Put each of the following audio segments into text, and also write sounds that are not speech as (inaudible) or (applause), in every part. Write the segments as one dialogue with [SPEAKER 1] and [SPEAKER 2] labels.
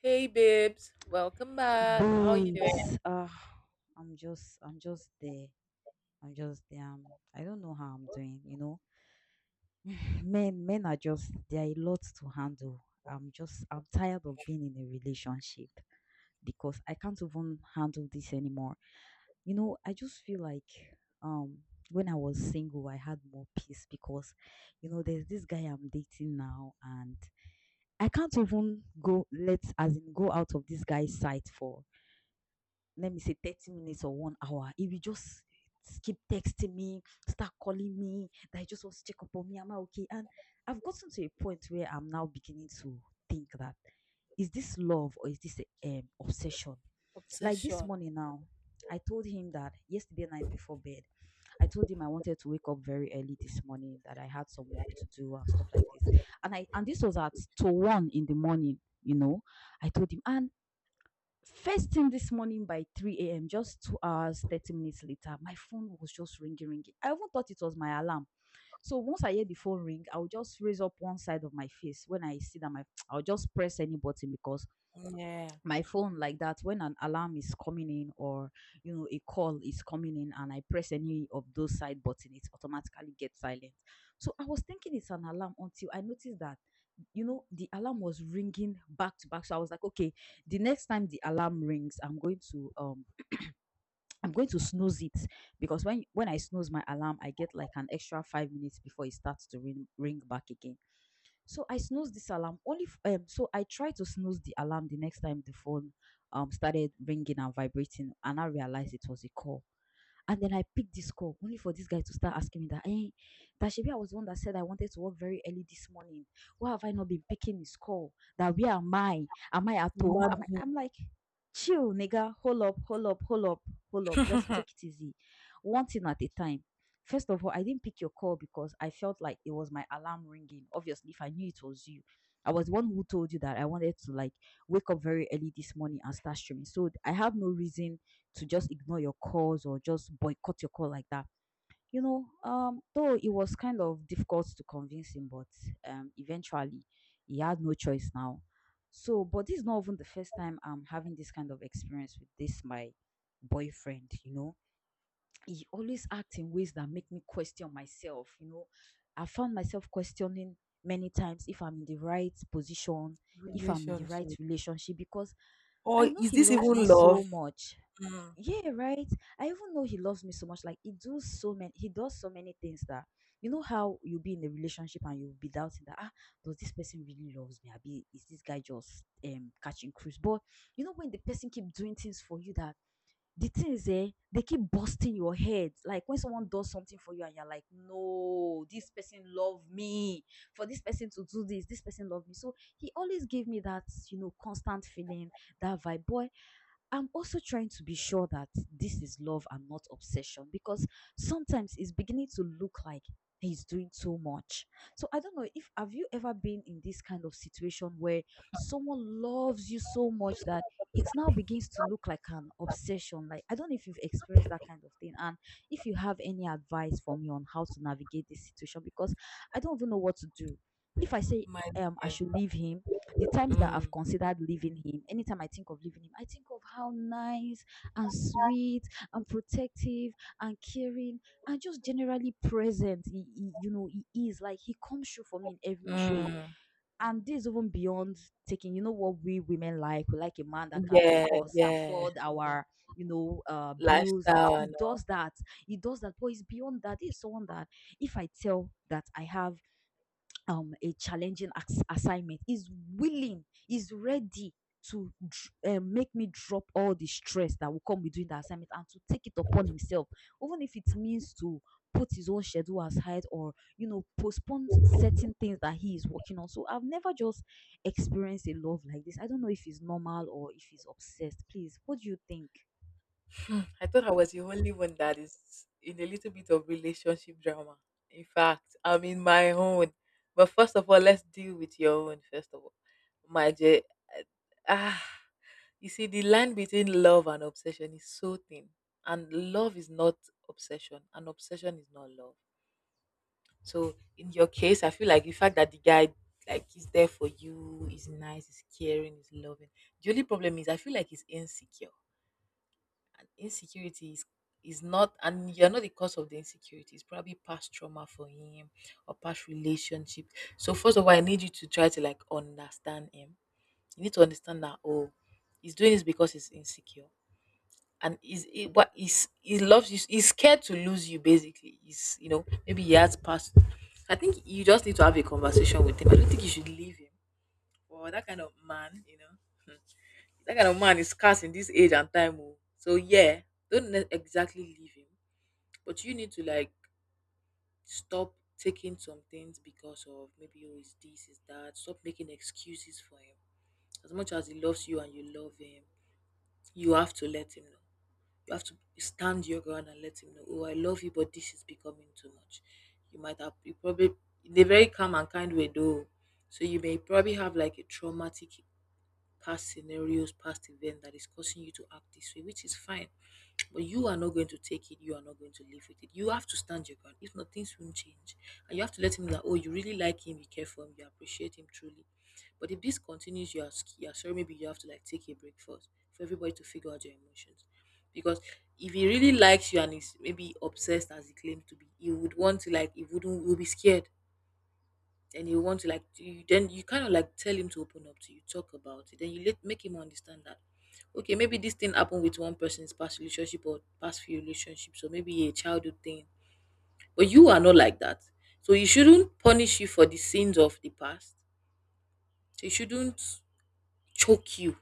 [SPEAKER 1] Hey babes, welcome back. How are you doing?
[SPEAKER 2] Babes, I'm just there. i'm just there I'm, I don't know how I'm doing. Men are just there, are a lot to handle. I'm just I'm tired of being in a relationship because I can't even handle this anymore. I just feel like, um when I was single I had more peace because, there's this guy I'm dating now, and I can't even go let as in go out of this guy's sight for, let me say, 30 minutes or 1 hour. He will just keep texting me, start calling me that he just wants to check up on me. Am I okay? And I've gotten to a point where I'm now beginning to think that, is this love or is this obsession? Like this
[SPEAKER 1] Obsession.
[SPEAKER 2] morning now, I told him that yesterday night before bed, I told him I wanted to wake up very early this morning, that I had some work to do and stuff like this. And this was at two one in the morning. I told him, and first thing this morning by 3 a.m., just 2 hours, 30 minutes later, my phone was just ringing, ringing. I even thought it was my alarm. So once I hear the phone ring, I'll just raise up one side of my face. When I see that my, (tsk) I'll just press any button because
[SPEAKER 1] Yeah.
[SPEAKER 2] my phone, like that, when an alarm is coming in or a call is coming in, and I press any of those side button it automatically gets silent. So I was thinking it's an alarm until I noticed that, the alarm was ringing back to back. So I was like, okay, the next time the alarm rings, I'm going to snooze it. Because when I snooze my alarm I get like an extra 5 minutes before it starts to ring, ring back again. So I snoozed this alarm only. So I tried to snooze the alarm the next time the phone started ringing and vibrating, and I realized it was a call. And then I picked this call only for this guy to start asking me that, hey, that should be I was the one that said I wanted to work very early this morning. Why have I not been picking his call? That where am I? Am I at home? Am I?
[SPEAKER 1] Imagine
[SPEAKER 2] I'm like, chill, nigga. Hold up, hold up, hold up, hold up. Just take it easy. One thing at a time. First of all, I didn't pick your call because I felt like it was my alarm ringing. Obviously, if I knew it was you, I was the one who told you that I wanted to like wake up very early this morning and start streaming. So I have no reason to just ignore your calls or just boycott your call like that. Though it was kind of difficult to convince him, but eventually he had no choice now. So, but this is not even the first time I'm having this kind of experience with this my boyfriend. He always acts in ways that make me question myself. I found myself questioning many times if I'm in the right position,
[SPEAKER 1] (laughs)
[SPEAKER 2] if I'm in the right
[SPEAKER 1] relationship.
[SPEAKER 2] relationship, because I
[SPEAKER 1] Or
[SPEAKER 2] know
[SPEAKER 1] is
[SPEAKER 2] he
[SPEAKER 1] this
[SPEAKER 2] loves me
[SPEAKER 1] even love?
[SPEAKER 2] so much.
[SPEAKER 1] Mm,
[SPEAKER 2] Yeah, right. I even know he loves me so much. Like, he does so many things that you know how you'll be in a relationship and you'll be doubting that, does this person really loves me? Abi, is this guy just catching cruise? But you know when the person keep doing things for you, that the things, they keep busting your head, like when someone does something for you and you're like, no, this person love me, for this person to do this, this person love me. So he always gave me that, constant feeling, that vibe, boy. I'm also trying to be sure that this is love and not obsession, because sometimes it's beginning to look like he's doing too much. So I don't know if, have you ever been in this kind of situation where someone loves you so much that it now begins to look like an obsession? Like, I don't know if you've experienced that kind of thing. And if you have any advice for me on how to navigate this situation, because I don't even know what to do. If I say,
[SPEAKER 1] my
[SPEAKER 2] I
[SPEAKER 1] dear.
[SPEAKER 2] should leave him, the times that
[SPEAKER 1] Mm.
[SPEAKER 2] I've considered leaving him, anytime I think of leaving him, I think of how nice and sweet and protective and caring and just generally present, he is. Like, he comes through for me in every
[SPEAKER 1] Sure.
[SPEAKER 2] way,
[SPEAKER 1] Mm.
[SPEAKER 2] and this is even beyond taking, what we women like. We like a man that can, of
[SPEAKER 1] Yeah,
[SPEAKER 2] course,
[SPEAKER 1] yeah.
[SPEAKER 2] afford our, bills. And
[SPEAKER 1] Lifestyle.
[SPEAKER 2] he
[SPEAKER 1] And
[SPEAKER 2] does that. He does that. But it's beyond that. He's someone that if I tell that I have, a challenging assignment, is ready to make me drop all the stress that will come with doing the assignment and to take it upon himself, even if it means to put his own schedule aside or postpone certain things that he is working on. So I've never just experienced a love like this. I don't know if it's normal or if he's obsessed. Please, what do you think?
[SPEAKER 1] hmm, I thought I was the only one that is in a little bit of relationship drama. In fact, I'm in my own. But first of all, let's deal with your own first of all. My J, ah, you see, the line between love and obsession is so thin, and love is not obsession, and obsession is not love. So in your case, I feel like the fact that the guy like is there for you, is nice, is caring, is loving. The only problem is I feel like he's insecure. Insecurity is not, and you're not the cause of the insecurity. It's probably past trauma for him or past relationship. So first of all, I need you to try to like understand him. You need to understand that, oh, he's doing this because he's insecure. And is it what is he, loves you, he's scared to lose you, basically. He's, maybe he has past. I think you just need to have a conversation with him. I don't think you should leave him, or that kind of man, you know. Hmm. That kind of man is scarce in this age and time. Oh. So yeah, don't exactly leave him, but you need to like stop taking some things because of maybe, oh, is this, is that. Stop making excuses for him. As much as he loves you and you love him, you have to let him know. You have to stand your ground and let him know. Oh, I love you, but this is becoming too much. You might have, you probably, in a very calm and kind way though. So you may probably have like a traumatic past scenarios, past events that is causing you to act this way, which is fine. But you are not going to take it. You are not going to live with it. You have to stand your ground. If not, things won't change. And you have to let him know that, oh, you really like him, you care for him, you appreciate him truly. But if this continues, you are sorry, maybe you have to like take a break first for everybody to figure out your emotions. Because if he really likes you and is maybe obsessed as he claims to be, he would want to like, he wouldn't, will be scared, and you want to like you, then you kind of like tell him to open up to you, talk about it, then you let make him understand that, okay, maybe this thing happened with one person's past relationship or past few relationships or maybe a childhood thing, but you are not like that. So you shouldn't punish you for the sins of the past. So you shouldn't choke you.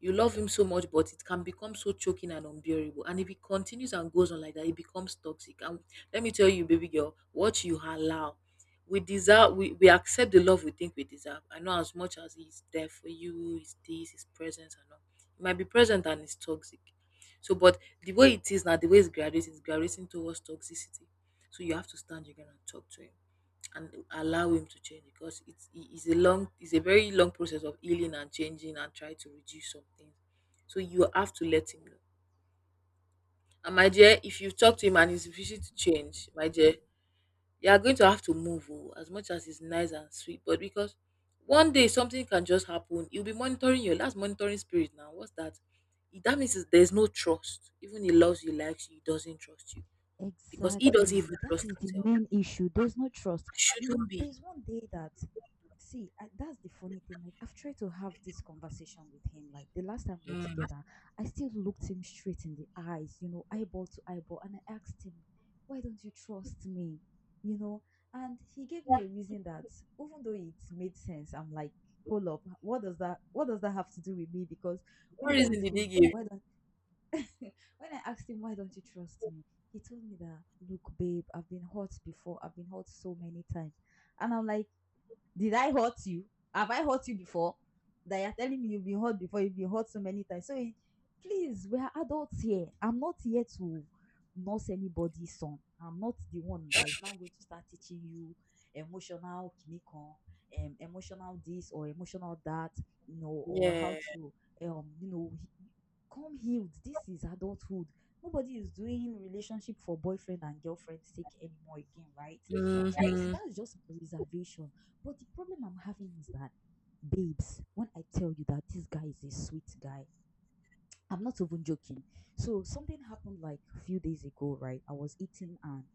[SPEAKER 1] You love him so much, but it can become so choking and unbearable. And if it continues and goes on like that, it becomes toxic. And let me tell you, baby girl, what you allow. We accept the love we think we deserve. I know as much as he's there for you, his presence and all. It might be present and it's toxic. So but the way it is now, the way it's graduating towards toxicity. So you have to stand your ground and talk to him and allow him to change, because it is a long it's a very long process of healing and changing, and try to reduce some things. So you have to let him know. And my dear, if you talk to him and he's refusing to change, my dear, you are going to have to move. Oh, as much as it's nice and sweet, but because one day something can just happen, you'll be monitoring your last, monitoring spirit. Now what's that? That means is there's no trust. Even he loves you, likes you, he doesn't trust you, because he doesn't
[SPEAKER 2] Exactly.
[SPEAKER 1] even
[SPEAKER 2] That
[SPEAKER 1] trust
[SPEAKER 2] is the
[SPEAKER 1] himself.
[SPEAKER 2] main issue. There's no trust.
[SPEAKER 1] Shouldn't be.
[SPEAKER 2] There's one day that, see, I, that's the funny thing. Like, I've tried to have this conversation with him. Like, the last time we were
[SPEAKER 1] Mm.
[SPEAKER 2] together, I still looked him straight in the eyes, eyeball to eyeball, and I asked him, why don't you trust me? You know, and he gave me a reason that, even though it made sense, I'm like, hold up, what does that have to do with me? Because when
[SPEAKER 1] What
[SPEAKER 2] I
[SPEAKER 1] reason
[SPEAKER 2] asked
[SPEAKER 1] did he
[SPEAKER 2] him
[SPEAKER 1] give?
[SPEAKER 2] why don't (laughs) When I asked him, why don't you trust me, he told me that, look, babe, I've been hurt before, I've been hurt so many times. And I'm like, did I hurt you? Have I hurt you before? That you're telling me you've been hurt before, you've been hurt so many times. So, please, we are adults here. I'm not here to nurse anybody's son. I'm not the one that is now going to start teaching you emotional kinikon, emotional this or emotional that, or how
[SPEAKER 1] Yeah.
[SPEAKER 2] to, um, you know, come healed. This is adulthood. Nobody is doing relationship for boyfriend and girlfriend sake anymore again, right?
[SPEAKER 1] Right?
[SPEAKER 2] So those,
[SPEAKER 1] Mm-hmm.
[SPEAKER 2] that's just reservation, but the problem I'm having is that, babes, when I tell you that this guy is a sweet guy, I'm not even joking. So something happened like a few days ago, right? I was eating and,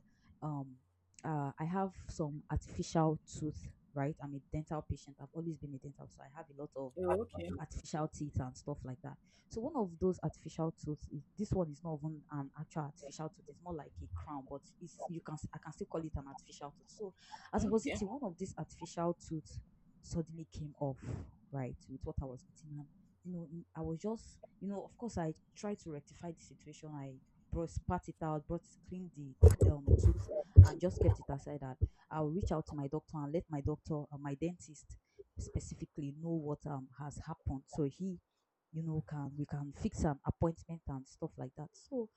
[SPEAKER 2] um I have some artificial tooth, right? I'm a dental patient. I've always been a dental, so I have a lot of
[SPEAKER 1] Oh, okay.
[SPEAKER 2] artificial teeth and stuff like that. So, one of those artificial teeth is, this one is not even an actual artificial tooth. It's more like a crown, but it's you can I can still call it an artificial tooth. So as I was
[SPEAKER 1] Okay.
[SPEAKER 2] eating, one of these artificial teeth suddenly came off, right, with what I was eating. And, you know, I was just, of course, I tried to rectify the situation. I brought spat it out, brought cleaned the tooth, and just kept it aside. That I'll reach out to my doctor and let my doctor, my dentist, specifically know what has happened, so he you know can we can fix an appointment and stuff like that. So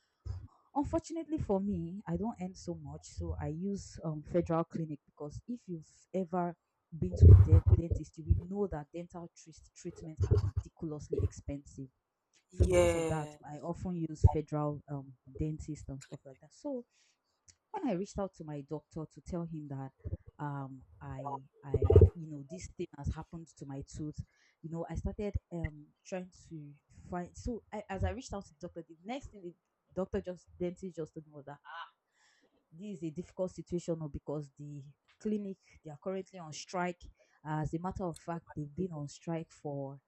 [SPEAKER 2] unfortunately for me, I don't earn so much, so I use federal clinic, because if you've ever been to a dentist you will know that dental treatments are ridiculously expensive. So because of that
[SPEAKER 1] Yeah.
[SPEAKER 2] I often use federal dentist and stuff like that. So when I reached out to my doctor to tell him that, I you know this thing has happened to my tooth, I started trying to find, so I, as I reached out to the doctor, the next thing the doctor just dentist just told me was that this is a difficult situation, oh, because the clinic, they are currently on strike. As a matter of fact, they've been on strike for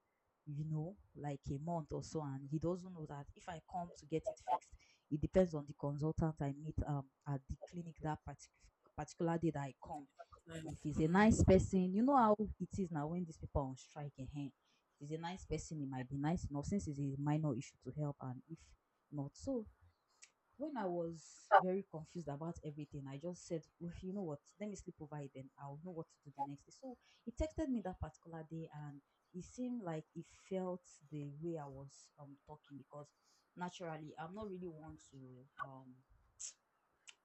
[SPEAKER 2] like a month or so, and he doesn't know that if I come to get it fixed, it depends on the consultant I meet at the clinic that particular day that I come. If he's a
[SPEAKER 1] Mm-hmm.
[SPEAKER 2] nice person, you know how it is now when these people are on strike. Ehen. If he's a nice person, he might be nice enough since it's a minor issue to help, and if not so when I was very confused about everything, I just said, well, you know what, let me sleep over it then. I'll know what to do the next day. So he texted me that particular day and it seemed like he felt the way I was talking because naturally I'm not really one to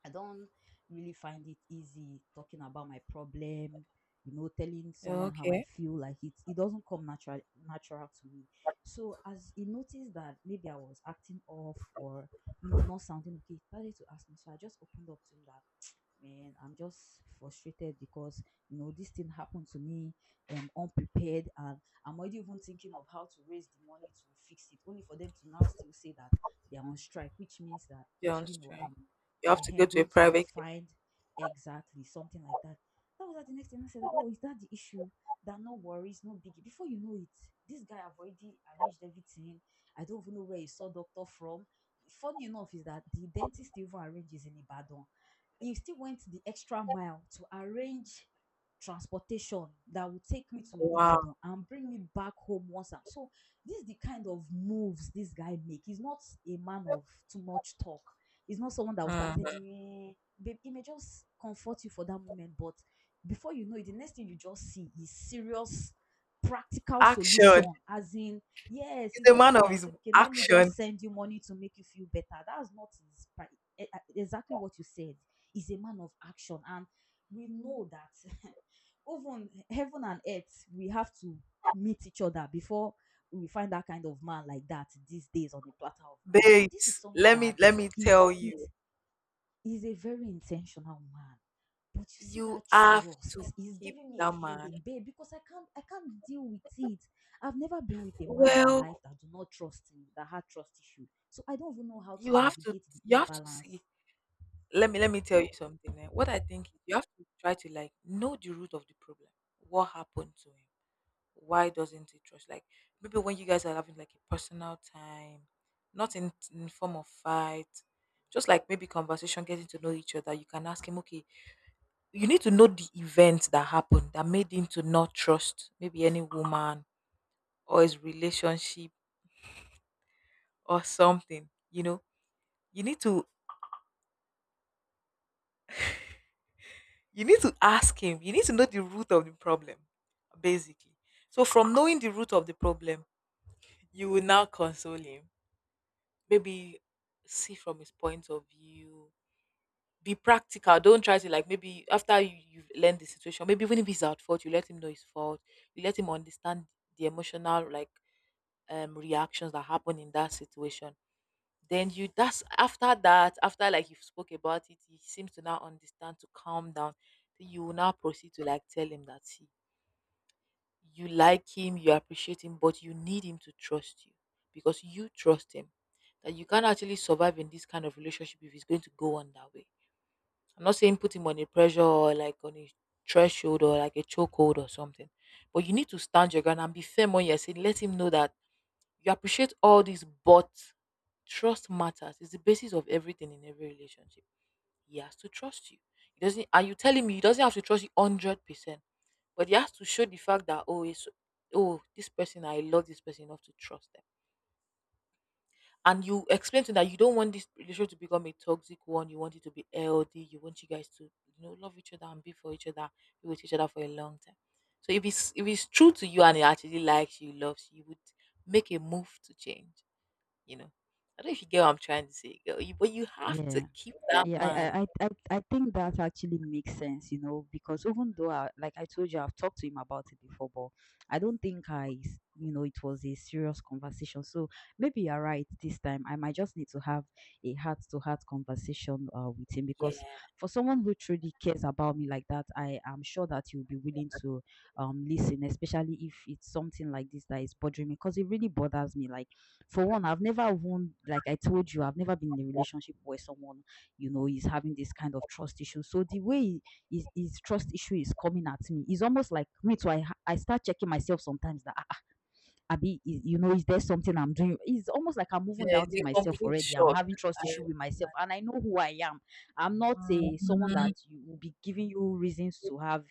[SPEAKER 2] I don't really find it easy talking about my problem, you know, telling someone how I
[SPEAKER 1] Okay.
[SPEAKER 2] feel. Like it doesn't come natural to me. So as he noticed that maybe I was acting off or you know not sounding okay, he started to ask me. So I just opened up to him that man, I'm just frustrated because you know this thing happened to me unprepared and I'm already even thinking of how to raise the money to fix it, only for them to now still say that they're on strike, which means that
[SPEAKER 1] You're on
[SPEAKER 2] you know
[SPEAKER 1] strike.
[SPEAKER 2] I'm
[SPEAKER 1] You have to go to a
[SPEAKER 2] going to
[SPEAKER 1] private clinic.
[SPEAKER 2] find exactly something like that. That was at the next thing I said, that, oh, is that the issue? That no worries, no biggie. Before you know it, this guy have already arranged everything. I don't even know where he saw doctor from. Funny enough is that the dentist he even arranges in Ibadan, he still went the extra mile to arrange transportation that would take me to
[SPEAKER 1] Wow.
[SPEAKER 2] Ibadan and bring me back home once. I'm so this is the kind of moves this guy make. He's not a man of too much talk. He's not someone that will start telling
[SPEAKER 1] Mm-hmm.
[SPEAKER 2] you, eh, babe, he may just comfort you for that moment, but before you know it, the next thing you just see is serious practical
[SPEAKER 1] Action.
[SPEAKER 2] solution as in yes, he's
[SPEAKER 1] He's a
[SPEAKER 2] not
[SPEAKER 1] man
[SPEAKER 2] someone
[SPEAKER 1] of
[SPEAKER 2] that will
[SPEAKER 1] his
[SPEAKER 2] say okay let me
[SPEAKER 1] action.
[SPEAKER 2] just send you money to make you feel better. That's not his exactly what you said. Is a man of action, and we know that (laughs) even heaven and earth we have to meet each other before we find that kind of man like that these days on the platter of gold. So this is
[SPEAKER 1] Babes,
[SPEAKER 2] someone
[SPEAKER 1] let me
[SPEAKER 2] that
[SPEAKER 1] let me
[SPEAKER 2] he's
[SPEAKER 1] tell you.
[SPEAKER 2] he's he's a very intentional man, but you see
[SPEAKER 1] You
[SPEAKER 2] that
[SPEAKER 1] have
[SPEAKER 2] trust
[SPEAKER 1] to
[SPEAKER 2] is
[SPEAKER 1] keep
[SPEAKER 2] giving me
[SPEAKER 1] that
[SPEAKER 2] a
[SPEAKER 1] man.
[SPEAKER 2] headache, babe, because I can't deal with it. I've never been with a man in my
[SPEAKER 1] Well,
[SPEAKER 2] life that do not trust me, that had trust issue, so I don't even know how to
[SPEAKER 1] you have to
[SPEAKER 2] navigate the
[SPEAKER 1] you have to
[SPEAKER 2] imbalance.
[SPEAKER 1] see. Let me tell you something. Eh. What I think is you have to try to like know the root of the problem. What happened to him? Why doesn't it trust? Like maybe when you guys are having like a personal time, not in form of fight, just like maybe conversation, getting to know each other. You can ask him, okay, you need to know the event that happened that made him to not trust maybe any woman or his relationship or something. You know, you need to you need to ask him. You need to know the root of the problem, basically. So from knowing the root of the problem, you will now console him. Maybe see from his point of view, be practical. Don't try to like maybe after you've learned the situation, maybe when if he's at fault, you let him know his fault. You let him understand the emotional like reactions that happen in that situation. Then you, that's after that, after like you've spoke about it, he seems to now understand to calm down. Then you will now proceed to like tell him that you like him, you appreciate him, but you need him to trust you because you trust him. That you can actually survive in this kind of relationship if he's going to go on that way. I'm not saying put him on a pressure or like on a threshold or like a chokehold or something. But you need to stand your ground and be firm on your saying. Let him know that you appreciate all this, but trust matters. It's the basis of everything in every relationship. He has to trust you. He doesn't Are you telling me he doesn't have to trust you 100%. But he has to show the fact that, oh oh, this person, I love this person enough to trust them. And you explain to them that you don't want this relationship to become a toxic one. You want it to be healthy. You want you guys to love each other and be for each other, be with each other for a long time. So if it's true to you and he actually likes you, loves you, you would make a move to change. You know, I don't know if you get what I'm trying to say, girl. But you have to
[SPEAKER 2] Yeah.
[SPEAKER 1] keep that
[SPEAKER 2] Yeah, I,
[SPEAKER 1] man.
[SPEAKER 2] I, I, I think that actually makes sense, you know, because even though, I, like I told you, I've talked to him about it before, but I don't think you know, it was a serious conversation. So maybe you're right this time. I might just need to have a heart-to-heart conversation with him
[SPEAKER 1] Yeah,
[SPEAKER 2] because for someone who truly cares about me like that, I am sure that he'll be willing to listen, especially if it's something like this that is bothering me, because it really bothers me. Like for one, I've never won, like I told you, I've never been in a relationship where someone you know, he's having this kind of trust issue. So the way his trust issue is coming at me, it's almost like me too. I start checking myself sometimes that, ah, you know, is there something I'm doing? It's almost like I'm even
[SPEAKER 1] yeah,
[SPEAKER 2] doubting
[SPEAKER 1] it's a
[SPEAKER 2] myself
[SPEAKER 1] complete
[SPEAKER 2] already. I'm
[SPEAKER 1] shock.
[SPEAKER 2] having trust
[SPEAKER 1] I
[SPEAKER 2] issue with myself, and I know who I am. I'm not a
[SPEAKER 1] understand.
[SPEAKER 2] someone that
[SPEAKER 1] Mhm.
[SPEAKER 2] you will be giving you reasons to have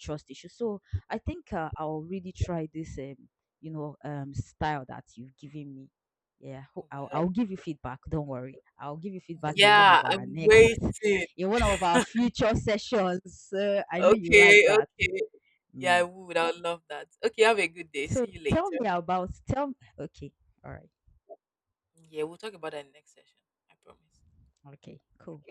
[SPEAKER 2] trust issues. So I think I'll really try this, you know, style that you've given me. I'll,
[SPEAKER 1] Wow.
[SPEAKER 2] I'll give you feedback. Don't worry, I'll give you feedback in one of
[SPEAKER 1] Yeah,
[SPEAKER 2] our
[SPEAKER 1] I'm
[SPEAKER 2] next,
[SPEAKER 1] waiting.
[SPEAKER 2] (laughs) in one of our future sessions. I know you like
[SPEAKER 1] Okay,
[SPEAKER 2] that.
[SPEAKER 1] okay. Yeah, I
[SPEAKER 2] Mm.
[SPEAKER 1] would. I would love that. Okay, have a good day.
[SPEAKER 2] So
[SPEAKER 1] See you
[SPEAKER 2] tell
[SPEAKER 1] later.
[SPEAKER 2] me about tell. Okay, all right.
[SPEAKER 1] Yeah, we'll talk about that in the next session. I promise.
[SPEAKER 2] Okay, cool.